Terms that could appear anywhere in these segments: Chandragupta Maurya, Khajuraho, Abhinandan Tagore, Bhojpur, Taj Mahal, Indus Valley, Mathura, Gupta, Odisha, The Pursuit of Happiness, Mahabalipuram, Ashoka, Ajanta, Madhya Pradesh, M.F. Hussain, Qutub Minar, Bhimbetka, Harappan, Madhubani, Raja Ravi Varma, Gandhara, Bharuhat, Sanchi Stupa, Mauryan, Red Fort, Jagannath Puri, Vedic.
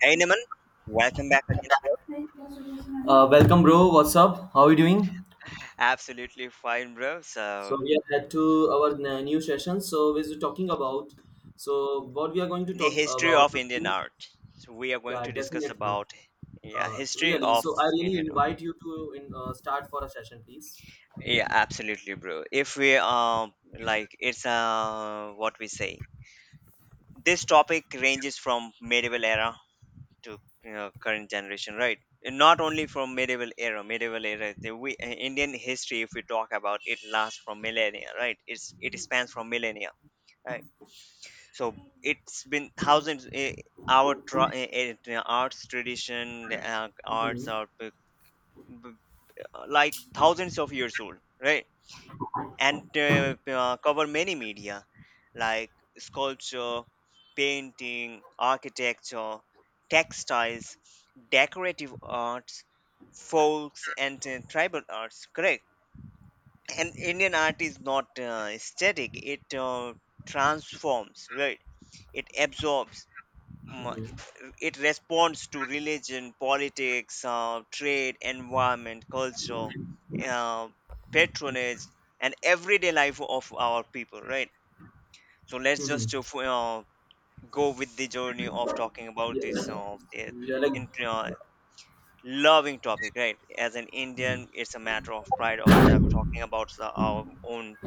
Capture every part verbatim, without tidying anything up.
Hey Naman, welcome back again, Uh, welcome, bro. What's up? How are you doing? bro. Absolutely fine, bro. So, So we are head to our n- new session. So we are talking about. So what we are going to the talk history about? of Indian art. So, we are going Yeah, to discuss definitely. about, yeah, Uh, history Really. of So I really Indian art. invite you to in, uh, start for a session, please. Yeah, absolutely, bro. If we um like it's uh what we say. This topic ranges from medieval era to you know, current generation, right? And Not only from medieval era, medieval era. The we, uh, Indian history, if we talk about it, lasts from millennia, right? It's it spans from millennia. Right? So it's been thousands, eh, our tra- eh, eh, arts tradition, uh, arts hmm are b- b- like thousands of years old, right. And uh, uh, cover many media, like sculpture, painting, architecture, textiles, decorative arts, folks, and uh, tribal arts. Correct. And Indian art is not uh, static. It uh, transforms, right. It absorbs, mu- it responds to religion, politics, uh, trade, environment, culture, uh, patronage, and everyday life of our people, right? So let's hmm just uh, f- uh, go with the journey of talking about this Yeah, uh, eh, yeah. Like in, uh, loving topic, right? As an Indian, it's a matter of pride of ta- talking about the, our own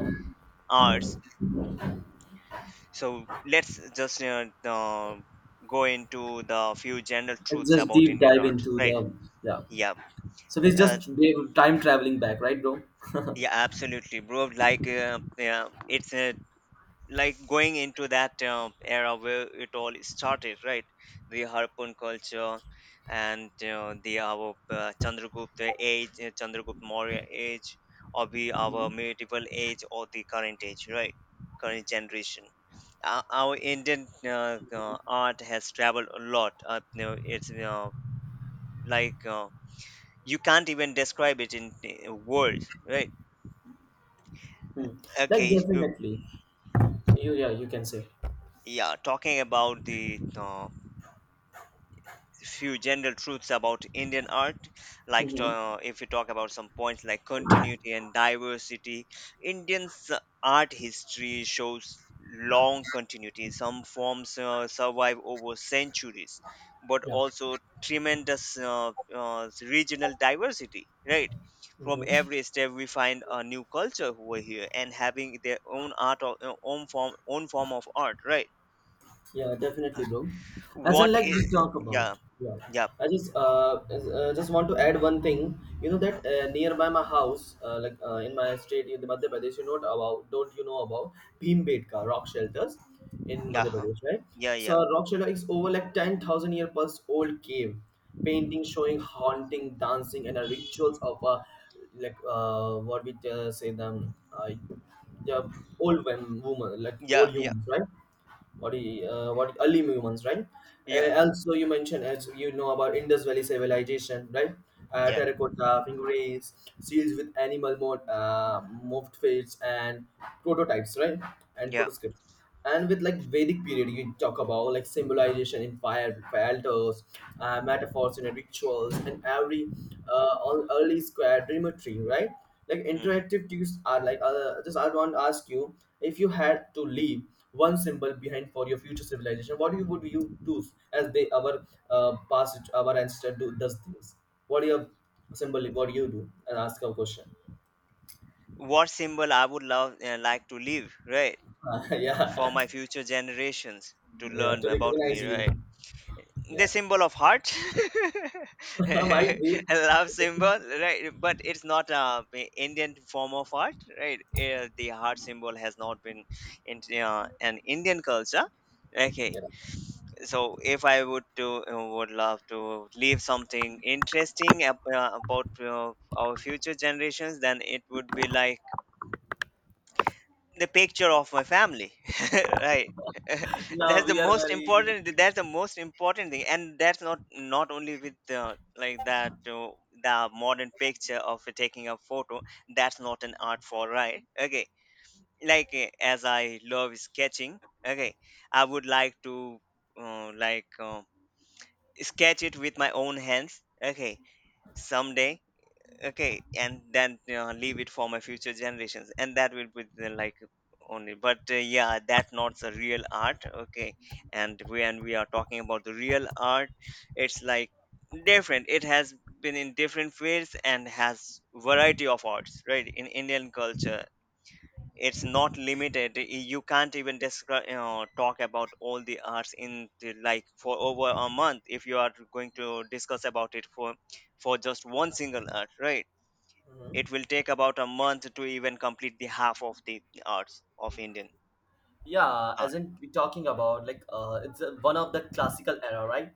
arts. So let's just uh, uh, go into the few general let's truths just about deep Indian dive art, into right? the yeah. Yeah, So this uh, just time traveling back, right, bro? yeah, absolutely, bro. Like, uh, yeah, it's uh, like going into that uh, era where it all started, right? The Harpoon culture, and uh, the our uh, Chandragupta age, uh, Chandragupta Maurya age, or the Mhm. our medieval age, or the current age, right? Current generation. Our, our Indian uh, uh, art has traveled a lot. Uh, you know, it's uh, like uh, you can't even describe it in uh, words, right? Hmm. Like Okay. you definitely. You Yeah. You can say. Yeah, talking about the uh, few general truths about Indian art, like Hmm uh, if you talk about some points like continuity and diversity, Indian's uh, art history shows long continuity. Some forms uh, survive over centuries, but Yeah. also tremendous uh, uh, regional diversity, right? From hmm every step, we find a new culture over here and having their own art, or, uh, own form, own form of art, right? Yeah, definitely, bro. As well, What like we is talk about. Yeah, Yeah, yeah, I just uh, uh just want to add one thing. You know that uh, nearby my house, uh, like uh, in my state, in the Madhya Pradesh, you know about don't you know about Bhimbetka rock shelters in yeah, Madhya huh? Pradesh, right? Yeah, So yeah, a rock shelter is over like ten thousand year plus old cave, painting showing haunting, dancing, and uh, rituals of uh, like uh, what we uh, say them uh, the old women, woman, like old yeah, yeah, humans, right? what do you, uh, what early humans, right? Uh, yeah, also, you mentioned as you know about Indus Valley civilization, right? Uh, yeah, terracotta figurines, seals with animal mode, uh, morphed faces and prototypes, right? And yeah. protoscripts. And with like Vedic period, you talk about like symbolization in fire, fire altars, uh, metaphors in rituals, and every uh, all early square geometry, right? Like Mhm. interactive cues are like uh, just I want to ask you if you had to leave one symbol behind for your future civilization what you would you choose as they our uh, past our ancestor do does things what your symbol what you do and ask a question. What symbol I would love uh, like to leave, right? For Yeah, my future generations to yeah learn to about me, recognize you, right? The yeah. symbol of heart, Might a be, love symbol, right? But it's not a a Indian form of art, right? Uh, the heart symbol has not been in uh, an Indian culture. Okay, yeah. so if I would to, uh, would love to leave something interesting ab- uh, about uh, our future generations, then it would be like the picture of my family. Right. Now that's the we are most very used important to. That's the most important thing, and that's not not only with the, like, that, uh, the modern picture of taking a photo. That's not an art for, right? Okay. Like, uh, as I love sketching. Okay, I would like to, uh, like uh, sketch it with my own hands. Okay, someday. Okay. And then, you know leave it for my future generations, and that will be the, like, only. But uh, yeah, that's not the real art. Okay. And when we are talking about the real art, it's like different. It has been in different fields and has variety of arts, right? In Indian culture, it's not limited. Y- you can't even describe, you know, talk about all the arts in the, like, for over a month if you are going to discuss about it for for just one single art, right? Mhm. It will take about a month to even complete the half of the arts of Indian Yeah, art. as in we're talking about like uh it's uh, one of the classical era, right?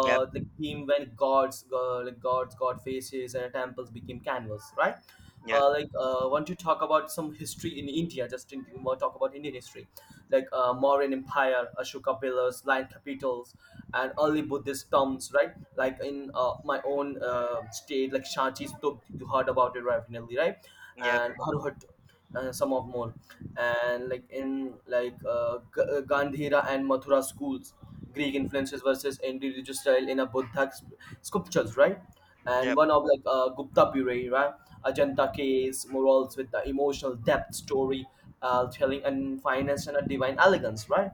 Yep. The theme when gods uh, like gods god faces and temples became canvas, right? Yep. Uh like uh want to talk about some history in india, just in want to talk about indian history like uh Mauryan empire, Ashoka pillars, lion capitals and early buddhist tombs, right? Like in uh, my own uh, state like Shanti Stup, you heard about it, right, definitely right? Yep. And Bharuhat, uh, some of more. And like in like uh, G- uh, Gandhira and Mathura schools, greek influences versus indigenous style in a buddha sp- sculptures, right? And Yep. one of like uh, Gupta period, right? Ajanta case murals with the emotional depth, story uh, telling and finance and a divine elegance, right?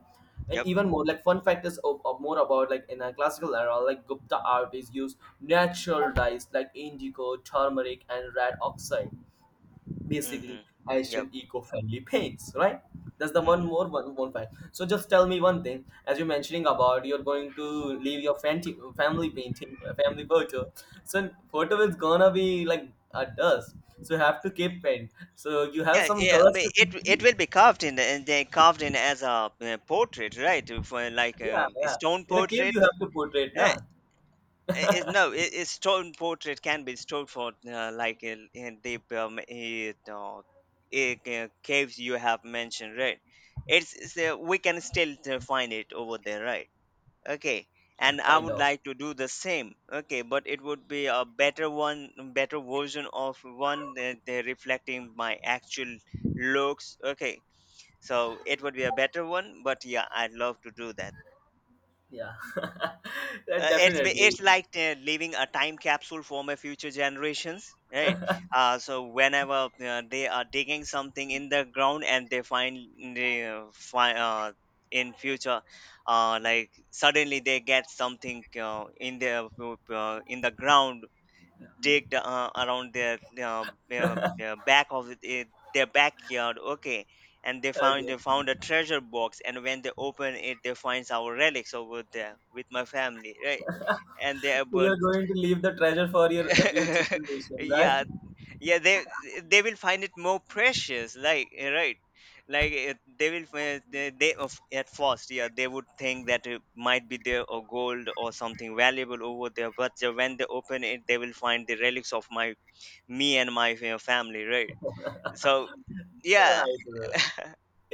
And Yep. even more like fun factors of, of more about like in a classical era, like Gupta art is used natural dyes like indigo, turmeric and red oxide, basically Mm-hmm. Yep. Asian eco-friendly paints, right? That's the one Hmm. more one, one fact. So just tell me one thing. As you're mentioning about you're going to leave your family family painting, family photo. So photo is gonna be like a dust. So you have to keep paint. So you have Yeah, some yeah, colors but to, it it will be carved in, and they carved in as a uh, portrait, right? For, like, yeah. Um, yeah. stone In a cave portrait. you have to portray it, na? I- is no, it, it's stone portrait can be stored for, uh, like in, in the um, it, uh, it, uh, caves you have mentioned, right. It's, it's uh, we can still uh, find it over there, right. Okay. And I Kind would of. like to do the same. Okay, but it would be a better one. Better version of one that uh, reflecting my actual looks. Okay. So it would be a better one, but yeah, I'd love to do that. Yeah. That Uh, it's ba- definitely. it's like uh, leaving a time capsule for my future generations, right? Uh, so whenever uh, they are digging something in the ground and they find, they uh, find, uh, in future, uh, like suddenly they get something uh, in their, uh, in the ground digged uh, around their, uh, their, their back of, it, it- their backyard, okay. And they found they Okay. found a treasure box, and when they open it, they find our relics over there with my family, right? And So their you're birth. going to leave the treasure for your uh, future generation, Yeah, right? yeah, they they will find it more precious, like, eh, right. Like, eh, they will fi- they, they of- at first, yeah, they would think that it might be there or gold or something valuable over there, but the- when they open it, they will find the relics of my me and my eh, family, right. ラ So yeah. イブ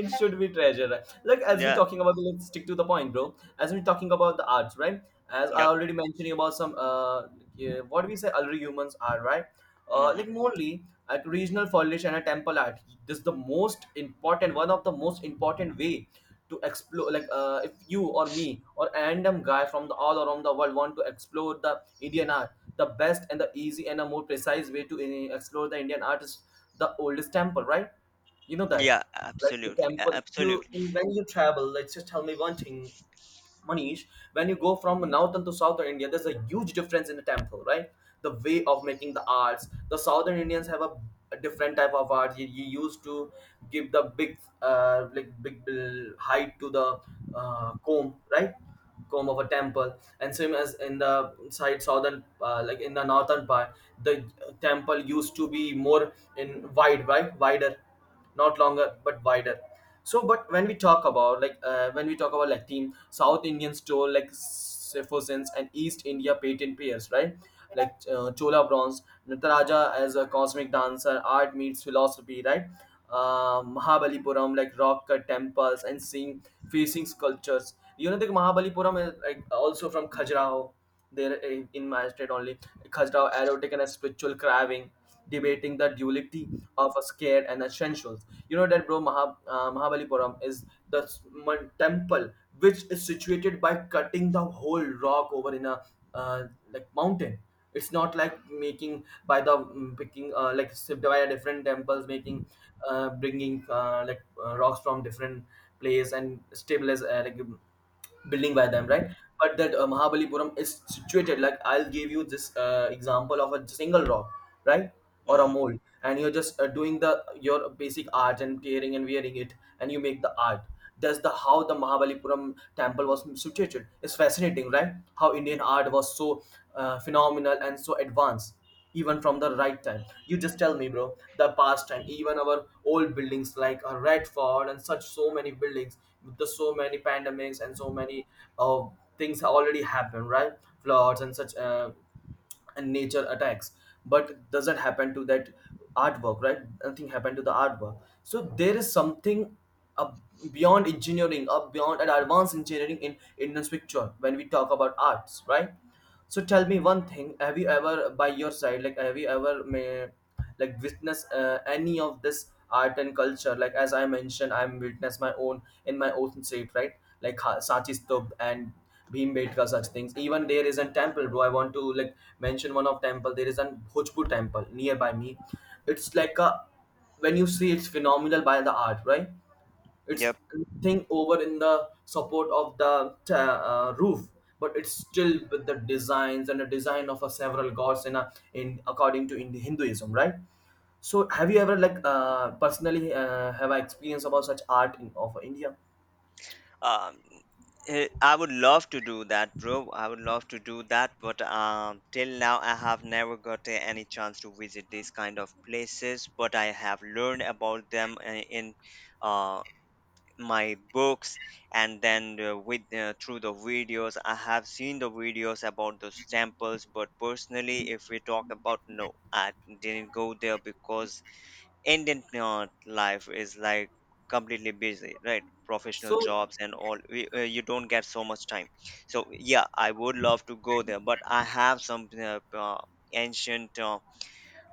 It should be treasure, right? Like as we Yeah. talking about, let's stick to the point, bro, as we're talking about the arts, right? As I Yep. already mentioned about some uh yeah, what do we say early humans are, right? Uh hmm. Like mainly at regional foliage and a temple art. This is the most important one of the most important way to explore, like uh if you or me or a random guy from the all around the world want to explore the indian art, the best and the easy and a more precise way to uh, explore the indian art is the oldest temple, right? You know that. Yeah, Like the absolutely, a- temple you absolutely. in, when you travel let's just tell me one thing, Manish. When you go from northern to southern india there's a huge difference in the temple, right? The way of making the arts, the southern indians have a, a different type of art. You, you used to give the big uh, like big uh, height to the uh, comb, right? Comb of a temple. And same as in the side southern uh, like in the northern part, the uh, temple used to be more in wide, right? Wider, not longer but wider. So but when we talk about like uh, when we talk about like team south indian stole like Sefosens and east india patent pairs, right? Like uh, Chola bronze, Nataraja as a cosmic dancer, art meets philosophy, right? uh, Mahabalipuram like rock cut temples and seeing facing sculptures. You know the Mahabalipuram is like also from Khajuraho there, eh, in Magistrate only, Khajrao erotic and a spiritual craving, debating the duality of a scared and essentials. You know that, bro, Maha, uh, Mahabalipuram is the s- mon- temple which is situated by cutting the whole rock over in a uh, like mountain. It's not like making by the mm, picking uh, like subdivided different temples, making uh, bringing uh, like uh, rocks from different place and stabilize uh, like building by them, right? But that uh, Mahabalipuram is situated like, I'll give you this uh, example of a single rock, right, or a Hmm. mold, and you're just uh, doing the your basic art and tearing and wearing it, and you make the art. That's the how the Mahabalipuram temple was situated. It's fascinating, right? How Indian art was so uh, phenomenal and so advanced even from the right time. You just tell me, bro, the past time, even our old buildings like uh, Redford and such, so many buildings with the so many pandemics and so many uh, things already happened, right? Floods and such uh, and nature attacks, but doesn't happen to that artwork, right? Nothing happened to the artwork. So there is something up beyond engineering, up beyond an advanced engineering in in this picture when we talk about arts, right? So tell me one thing: have you ever, by your side, like have you ever, may, like witness uh, any of this art and culture? Like as I mentioned, I'm witness my own in my own state, right? Like Ha- Sanchi Stup and Bhimbetka, such things. Even there is a temple, bro. I want to like mention one of temple. There is an Bhojpur temple nearby me. It's like a, when you see it's phenomenal by the art, right? It's thing over in the support of the uh, uh, roof, but it's still with the designs and the design of a several gods in a in according to in hinduism, right? So have you ever like uh, personally uh, have I experience about such art in of india? Um, eh, I would love to do that, bro. I would love to do that, but um, till now I have never got a- any chance to visit these kind of places. But I have learned about them, uh, in uh, my books, and then uh, with uh, through the videos, I have seen the videos about those temples. But personally, if we talk about, no, I didn't go there because Indian uh, life is like completely busy, right? Professional So jobs and all. We, uh, you don't get so much time. So yeah, I would love to go there, but I have some uh, uh, ancient. Uh,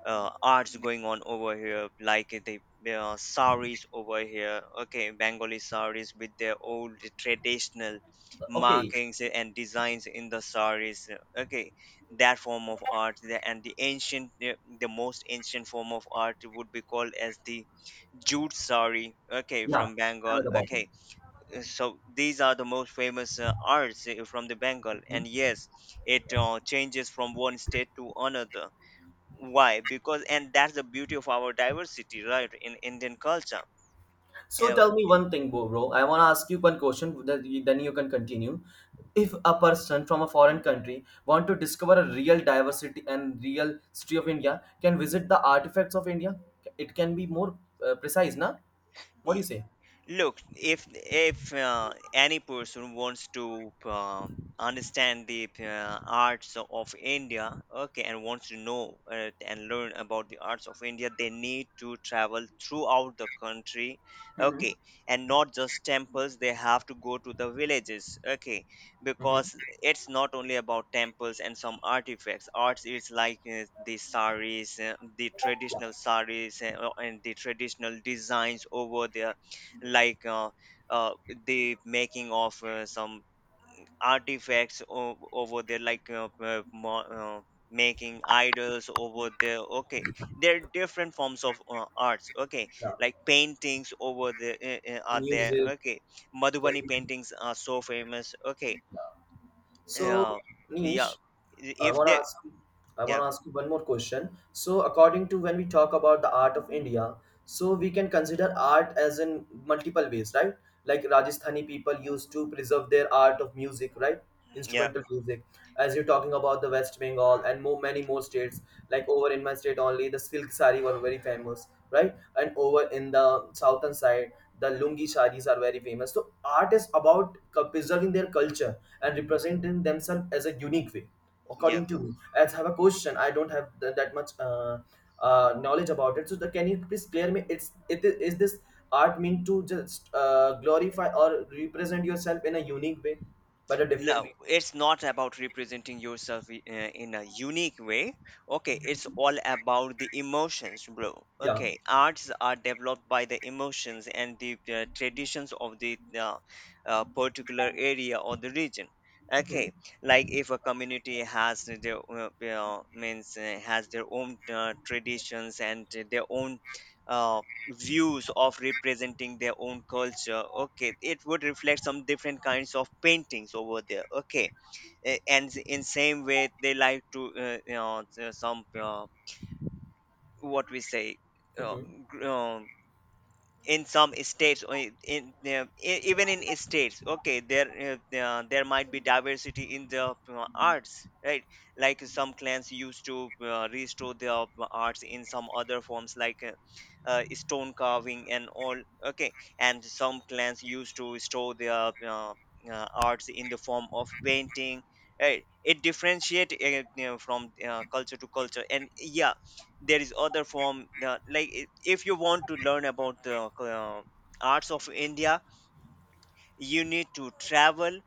uh, Arts going on over here, like the uh, saris over here. Okay, Bengali saris with their old traditional okay. markings and designs in the saris. Okay, that form of art, the- and the ancient, uh, the most ancient form of art would be called as the jute sari. Okay, Yeah, from Bengal. heard about it. Okay, so these are the most famous uh, arts uh, from the Bengal, Mhm. and yes, it Yes. uh, changes from one state to another. Why? Because, and that's the beauty of our diversity, right? In Indian culture. So Yeah. tell me one thing, bro. bro. I want to ask you one question. Then you then you can continue. If a person from a foreign country want to discover a real diversity and real history of India, can visit the artifacts of India. It can be more uh, precise, na? What do you say? Look, if if uh, any person wants to uh, understand the uh, arts of India, okay, and wants to know, uh, and learn about the arts of India, they need to travel throughout the country, Mm-hmm. okay, and not just temples. They have to go to the villages, okay, Mm-hmm. because it's not only about temples and some artifacts. Arts is like, uh, the saris, uh, the Yeah. traditional saris, uh, and the traditional designs over there, like uh, uh, the making of uh, some artifacts o- over there, like uh, uh, mo- uh, making idols over there, okay. There are different forms of uh, arts, okay. Yeah. Like paintings over there, uh, uh, are there, Music. okay. Madhubani paintings are so famous, okay. So, uh, yeah. Nish, I if want to they ask you, I Yeah, want to ask you one more question. So, according to when we talk about the art of India, so we can consider art as in multiple ways, right? Like Rajasthani people used to preserve their art of music, right? yeah, Instrumental music. As you're talking about the West Bengal and more many more states, like over in my state only, the silk sari were very famous, right? And over in the southern side the lungi saris are very famous. So art is about c- preserving their culture and representing themselves as a unique way, yeah. according to me. As I have a question, I don't have th- that much uh, uh, knowledge about it, so the, can you please clear me it's, it is, is this art meant to just uh, glorify or represent yourself in a unique way but a different No, way? it's not about representing yourself, i- uh, in a unique way. Okay, it's all about the emotions, bro. Yeah. Okay, arts are developed by the emotions and the uh, traditions of the uh, uh, particular area or the region. Mhm. Okay, like if a community has their uh, uh, means uh, has their own uh, traditions and their own. uh, Views of representing their own culture. Okay, it would reflect some different kinds of paintings over there. Okay. A- and s- in same way they like to, uh, you know s- uh, some, uh, what we say, uh, Mhm. uh, in some states, or in, in uh, e- even in states. Okay, there, uh, uh, there might be diversity in the uh, arts, right? Like some clans used to uh, restore their arts in some other forms, like, uh, uh, stone carving and all. Okay. And some clans used to restore their uh, uh, arts in the form of painting, right? It differentiate, uh, you know, from uh, culture to culture. And yeah, there is other form the, like i- if you want to learn about the uh, arts of India, you need to travel.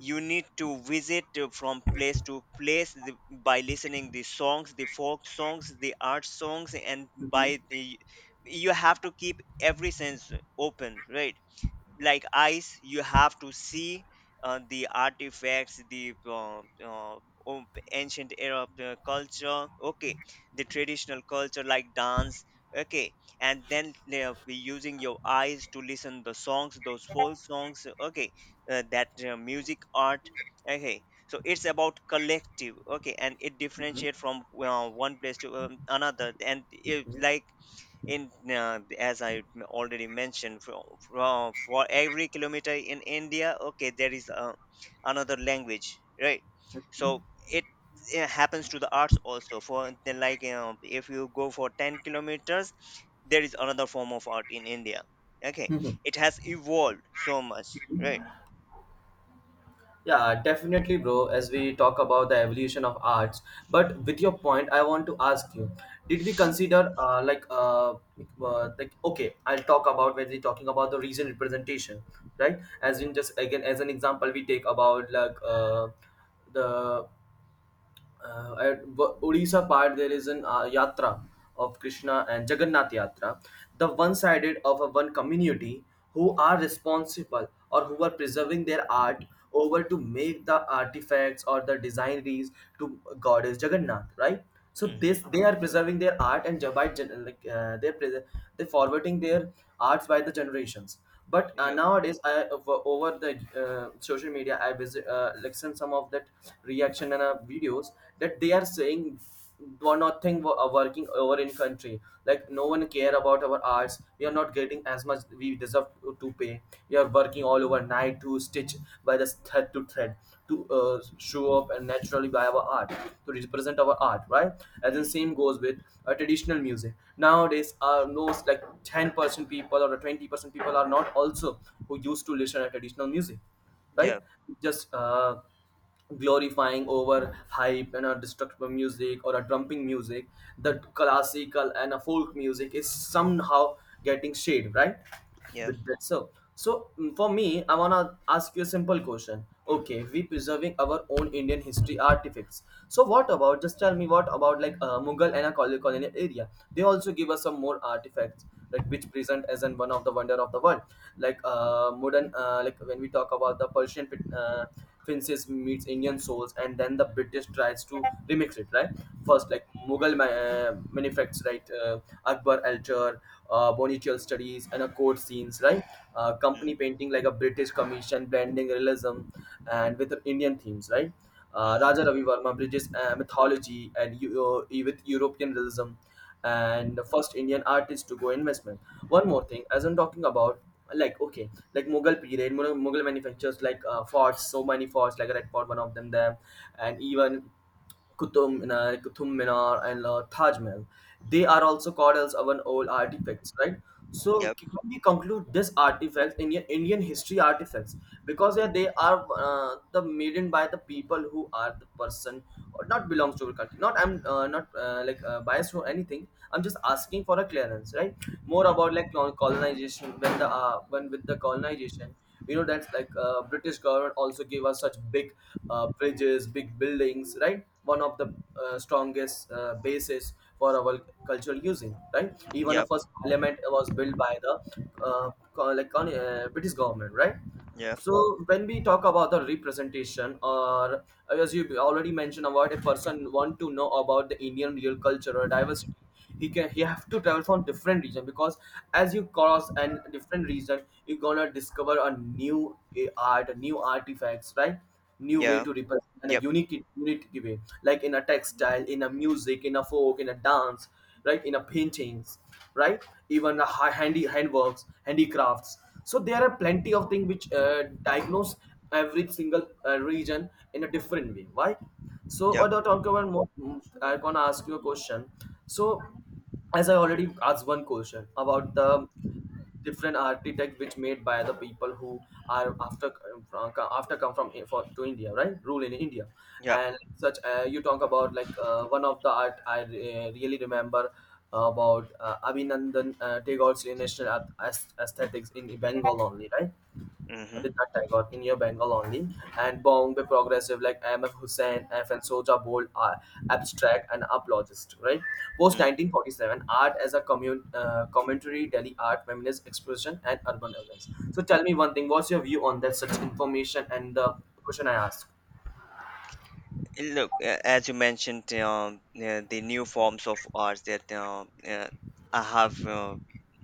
You need to visit, uh, from place to place the, by listening the songs, the folk songs, the art songs, and by the, you have to keep every sense open, right? Like eyes, you have to see uh, the artifacts, the uh, uh, o- ancient era of the culture. Okay, the traditional culture like dance. Okay, and then they are be using your eyes to listen the songs, those folk songs. Okay, uh, that uh, music art. Okay, so it's about collective. Okay, and it differentiate from uh, one place to um, another. And it, like, in uh, as i m- already mentioned, for, for, for every kilometer in India. Okay, there is uh, another language, right? So it, uh happens to the arts also for the, like, you, if you go for ten kilometers, there is another form of art in India. Okay, Mhm. it has evolved so much, right? Yeah, definitely, bro. As we talk about the evolution of arts, but with your point, I want to ask you: did we consider, uh, like, uh, uh, like, okay, I'll talk about when we're talking about the region representation, right? As in, just again, as an example, we take about like uh, the uh, at Wa- Odisha part, there is an uh, yatra of Krishna and Jagannath Yatra, the one sided of a one community who are responsible or who are preserving their art over to make the artifacts or the designeries to goddess Jagannath, right? So Mm-hmm. this they are preserving their art and by gen- like uh, they're pres- they're forwarding their arts by the generations. But uh, Yeah. nowadays I over over the uh, social media I visit, uh, like send some of that reaction and uh, videos that they are saying do nothing wo- uh, working over in country, like no one care about our arts, we are not getting as much much we deserve to pay. You are working all overnight to stitch by the thread to thread to uh, show up and naturally by our art, to represent our art, right? As in Mm. same goes with uh, traditional music. Nowadays, uh, knows, like ten percent people or twenty percent people are not also who used to listen to traditional music, Yeah. right? Just uh, glorifying over hype and a destructive music or a trumping music, the classical and a folk music is somehow getting shade, right? Yeah. With that, so so mm, for me, I wanna ask you a simple question. Okay, we preserving our own Indian history artifacts, so what about, just tell me, what about like uh, Mughal and a colonial area? They also give us some more artifacts, like which present as in one of the wonder of the world, like uh modern, uh, like when we talk about the Persian fin- uh, fences meets Indian souls and then the British tries to remix it, right? First, like mughal ma- uh, manifests, right? Uh, akbar altar, uh, bonichial studies and a court scenes, right? Uh, company painting like a British commission blending realism and with Indian themes, right? uh, Raja Mm-hmm. Ravi Varma bridges uh, mythology and Eu- uh, with European realism, and the first Indian artist to go investment. One more thing, as I'm talking about, like okay, like Mughal period, Mughal, Mughal manufacturers like uh, forts, so many forts, like Red Fort, one of them there, and even Qutub Minar, Qutub Minar, and uh, Taj Mahal. They are also called as our old artifacts, right? So Yep. can we conclude this artifacts, Indian Indian history artifacts, because yeah, they are uh, the made in by the people who are the person or not belongs to the country. Not I'm uh, not uh, like uh, biased or anything. I'm just asking for a clearance, right? More about like col- colonization, when the uh, when with the colonization, we know that's like uh, British government also gave us such big uh, bridges, big buildings, right? One of the uh, strongest uh, bases for our cultural using, right? Even a Yep. first parliament was built by the uh, co- like con- uh, British government, right? Yeah. So when we talk about the representation, or as you already mentioned, about a person want to know about the Indian real culture or diversity, he can he have to travel from different region, because as you cross and different region, you're gonna discover a new eh, art, new artifacts, right? New way Yeah. to represent, and a Yep. unique unique way, like in a textile, in a music, in a folk, in a dance, right? In a paintings, right? Even the hi- handy handworks handicrafts. So there are plenty of things which uh, diagnose every single uh, region in a different way. Why? So Yep. what I talk about more, I'm gonna ask you a question. So as I already asked one question about the different architect which made by the people who are after uh, after come from for to India, right? Rule in India, Yep. and such, uh, you talk about like uh, one of the art I uh, really remember about uh, Abhinandan uh, Tagore's national aesthetics in Bengal only, right? With Mm-hmm. that Tagore in your Bengal only, and Bombay progressive like M F. Hussain, F N and Soja Bold are abstract and apologist, right? Post nineteen forty-seven, art as a commun- uh, commentary, Delhi art, feminist expression, and urban events. So tell me one thing, what's your view on that such information and the question I asked? Look, uh, as you mentioned, um, uh, the new forms of arts that uh, uh, I have, uh,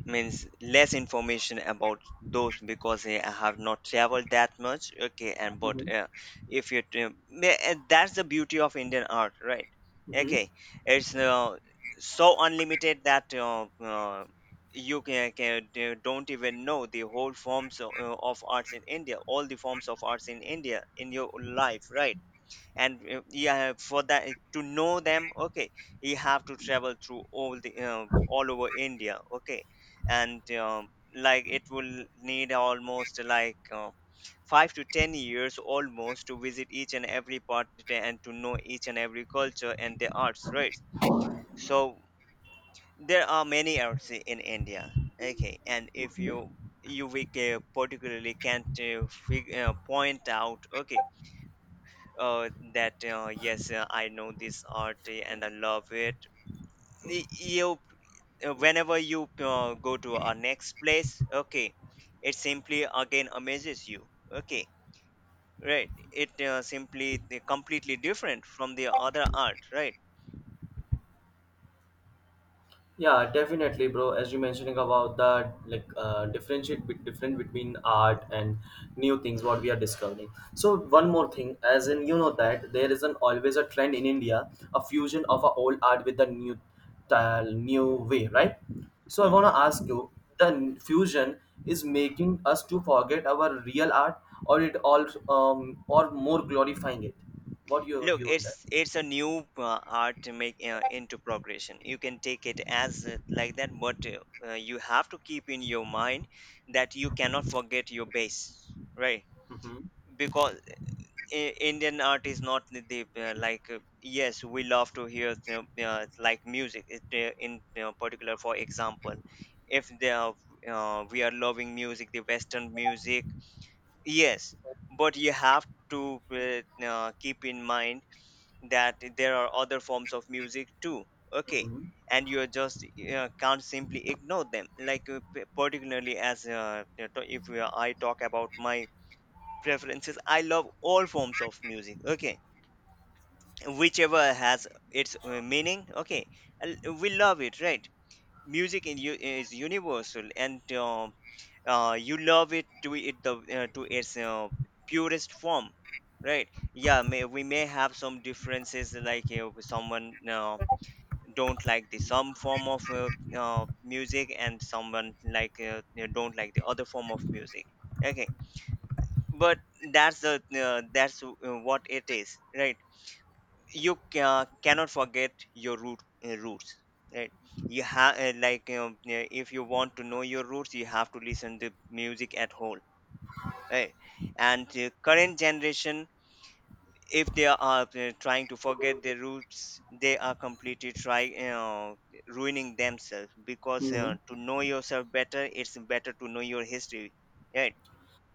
means less information about those, because eh, I have not traveled that much. Okay, and but Hmm. uh, if you tra- may- and that's the beauty of Indian art, right? Hmm. Okay, it's uh, so unlimited that uh, uh, you, can, can do- don't even know the whole forms of, uh, of arts in India, all the forms of arts in India in your life, right? And uh, yeah, for that to know them, okay, you have to travel through all the uh, all over India. Okay, and um, like, it will need almost like uh, five to ten years almost to visit each and every part and to know each and every culture and the arts, right? So there are many arts in India. Okay, and if you you we ca- particularly can't, uh, fig- uh, point out. Okay, uh, that uh, yes uh, I know this art, uh, and I love it. Y- you, uh, whenever you uh, go to our next place, okay, it simply again amazes you. Okay, right, it uh, simply uh, completely different from the other art, right? Yeah, definitely, bro. As you mentioning about that, like uh, differentiate be- different between art and new things what we are discovering. So one more thing, as in you know that there is an always a trend in India, a fusion of a old art with the new, style, new way, right? So I wanna Hmm. ask you, the n- fusion is making us to forget our real art, or it all um or more glorifying it. What your Look, view on that? it's it's a new uh, art to make uh, into progression. You can take it as uh, like that, but uh, uh, you have to keep in your mind that you cannot forget your base, right? Mm-hmm. Because I- Indian art is not the the, uh, like, uh, yes, we love to hear the, uh, like music, it, uh, in uh, particular, for example, if they are, uh, we are loving music, the western music, yes. But you have to uh, uh, keep in mind that there are other forms of music too. Okay, and you are just uh, can't simply ignore them, like uh, p- particularly. As uh, you know, if we are- I talk about my preferences, I love all forms of music. Okay, whichever has its uh, meaning. Okay, and we love it, right? Music in you is universal, and um, uh, you love it to it the, uh, to its uh, purest form, right. Yeah, may, we may have some differences, like, you know, someone, uh, don't like the some form of uh, uh, music, and someone, like, uh, you know, don't like the other form of music. Okay, but that's the uh, that's uh, what it is, right? You ca- cannot forget your root uh, roots, right? You have uh, like, um, yeah, if you want to know your roots, you have to listen to music at whole, right? And uh, current generation, if they are uh, trying to forget their roots, they are completely try uh, ruining themselves, because Mm-hmm. uh, to know yourself better, it's better to know your history, right.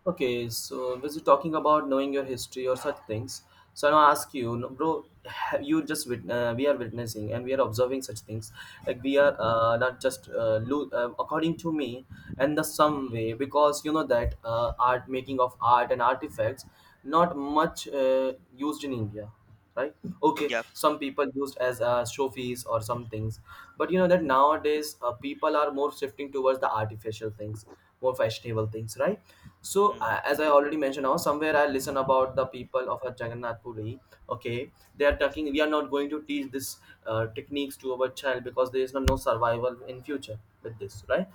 Okay, so was you talking about knowing your history or such things? So I now I ask you, no- bro, have you just wit- uh, we are witnessing and we are observing such things. Like we are uh, not just uh, lo- uh, according to me and the some way, because you know that uh, art making of art and artifacts not much uh, used in India, right? Okay, Yeah. some people used as uh, show fees or some things, but you know that nowadays uh, people are more shifting towards the artificial things, more fashionable things, right? So uh, Mm-hmm. as I already mentioned, now somewhere I listen about the people of a Jagannath Puri. Okay, they are talking, we are not going to teach this uh, techniques to our child, because there is no, no survival in future with this, right?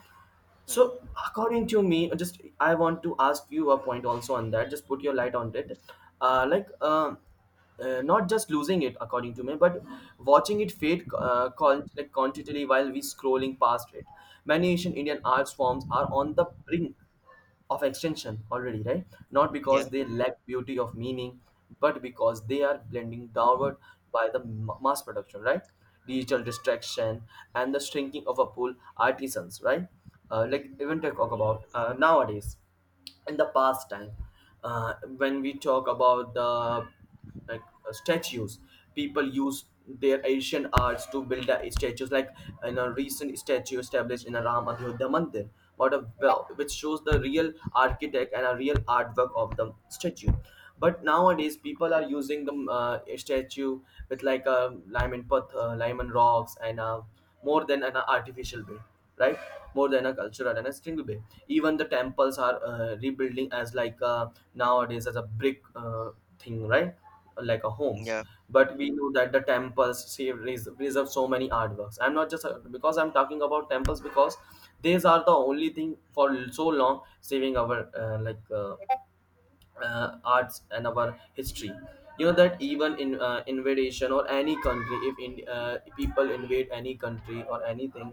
Mm-hmm. So, according to me, uh, just I want to ask you a point also on that. Just put your light on it. Uh, like, um uh, not just losing it, according to me, but watching it fade, uh, con- like, continually while we scrolling past it. Many ancient Indian art forms are on the brink of extension already, right? Not because Yeah, they lack beauty of meaning, but because they are blending downward by the m- mass production, right? Digital distraction and the shrinking of a pool artisans, right? Uh, like even to talk about uh, nowadays, in the past time uh, when we talk about the like uh, statues, people use their Asian arts to build the statues, like in a recent statue established in a Ram Adhyodhya Mandir, what a well, which shows the real architect and a real artwork of the statue. But nowadays people are using the uh, statue with like a lime and path, uh, lime and rocks and uh, more than an artificial way, right? More than a cultural and a single way. Even the temples are uh, rebuilding as like uh, nowadays as a brick uh, thing, right? Like a homes. yeah, But we know that the temples save res- preserve so many artworks. I'm not just uh, because I'm talking about temples, because these are the only thing for so long saving our uh, like uh, uh, arts and our history. You know that even in uh, invasion or any country, if in, uh, people invade any country or anything,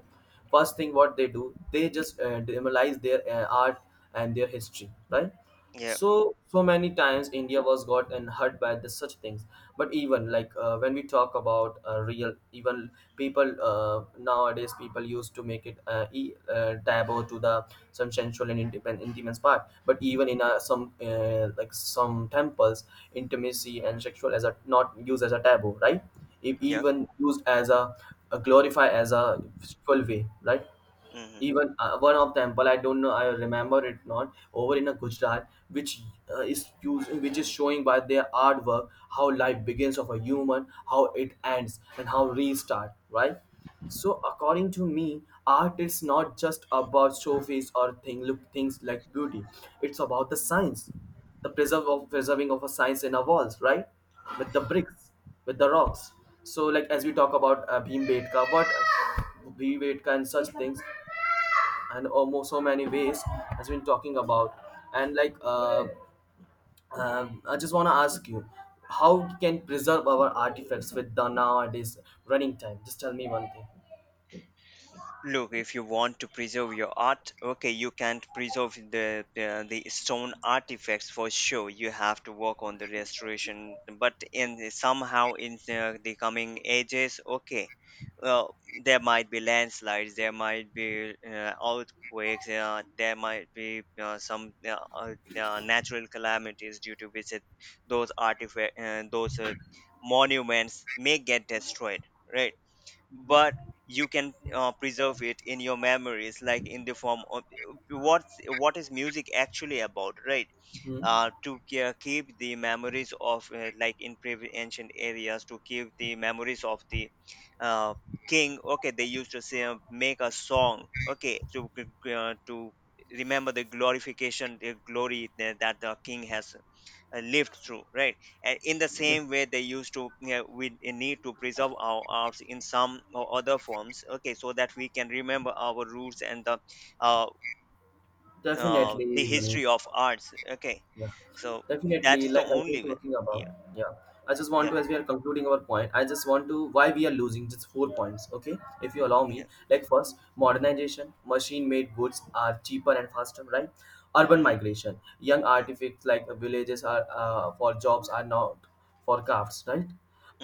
first thing what they do, they just uh, demolize their uh, art and their history, right? yeah, So so many times India was got and hurt by the, such things. But even like uh, when we talk about uh, real even, people uh, nowadays people used to make it uh, e- uh, taboo to the some sensual and intimate, intimate part, but even in uh, some uh, like some temples, intimacy and sexual as a not used as a taboo, right? If yeah. even used as a, a glorify as a spiritual way, right? Mm-hmm. Even uh, one of temple I don't know I remember it not over in a Gujarat which uh, is used, which is showing by their artwork how life begins of a human, how it ends and how restart, right? So according to me, art is not just about showface or thing look things like beauty, it's about the science, the preserve of preserving of a science in our walls, right? With the bricks, with the rocks. So like as we talk about uh, Bhim Betka, what uh, Bhim Betka and such things, and almost so many ways has been talking about. And like uh, um, I just want to ask you, how we can preserve our artifacts with the nowadays running time? Just tell me one thing. Look, if you want to preserve your art, okay, you can't preserve the uh, the stone artifacts for sure. You have to work on the restoration, but in the- somehow in the, the coming ages, okay, well, there might be landslides, there might be uh, earthquakes, uh, there might be uh, some uh, uh, uh, natural calamities, due to which it, those artifact, uh, those uh, monuments may get destroyed, right? But you can uh, preserve it in your memories, like in the form of, what what is music actually about, right? Mhm. Uh, to ke- keep the memories of, uh, like, in previ- ancient areas, to keep the memories of the uh, king, okay, they used to say, uh, make a song, okay, to g- uh, to remember the glorification, the glory that, that the king has uh, lived through, right? And in the same way they used to, you know, we need to preserve our arts in some or other forms, okay, so that we can remember our roots and the uh, uh, the Definitely. Manish. history of arts. Okay, Yeah, so that definitely. is the Like I've been only way. talking about, Yeah, yeah. I just want yeah, to, as we are concluding our point, I just want to why we are losing, just four points, okay? If you allow me, yeah. like first, modernization, machine-made goods are cheaper and faster, right? Urban Mm, migration, young mm. artifacts like villages are uh, for jobs are not for crafts, right?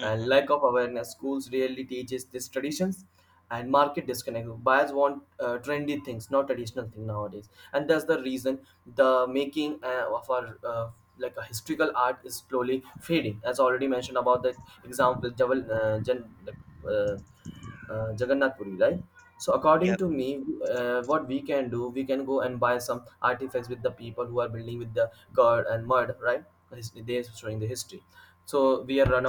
And lack of awareness, schools rarely teaches these traditions. And market disconnect, buyers want uh, trendy things, not traditional thing nowadays, and that's the reason the making uh, of our uh, like a historical art is slowly fading, as already mentioned about the example Javal, uh, Jan, like, uh, uh, Jagannath Puri, right? So according Yeah. to me, uh, what we can do, we can go and buy some artifacts with the people who are building with the curd and mud, right? His- They are showing the history. So we are run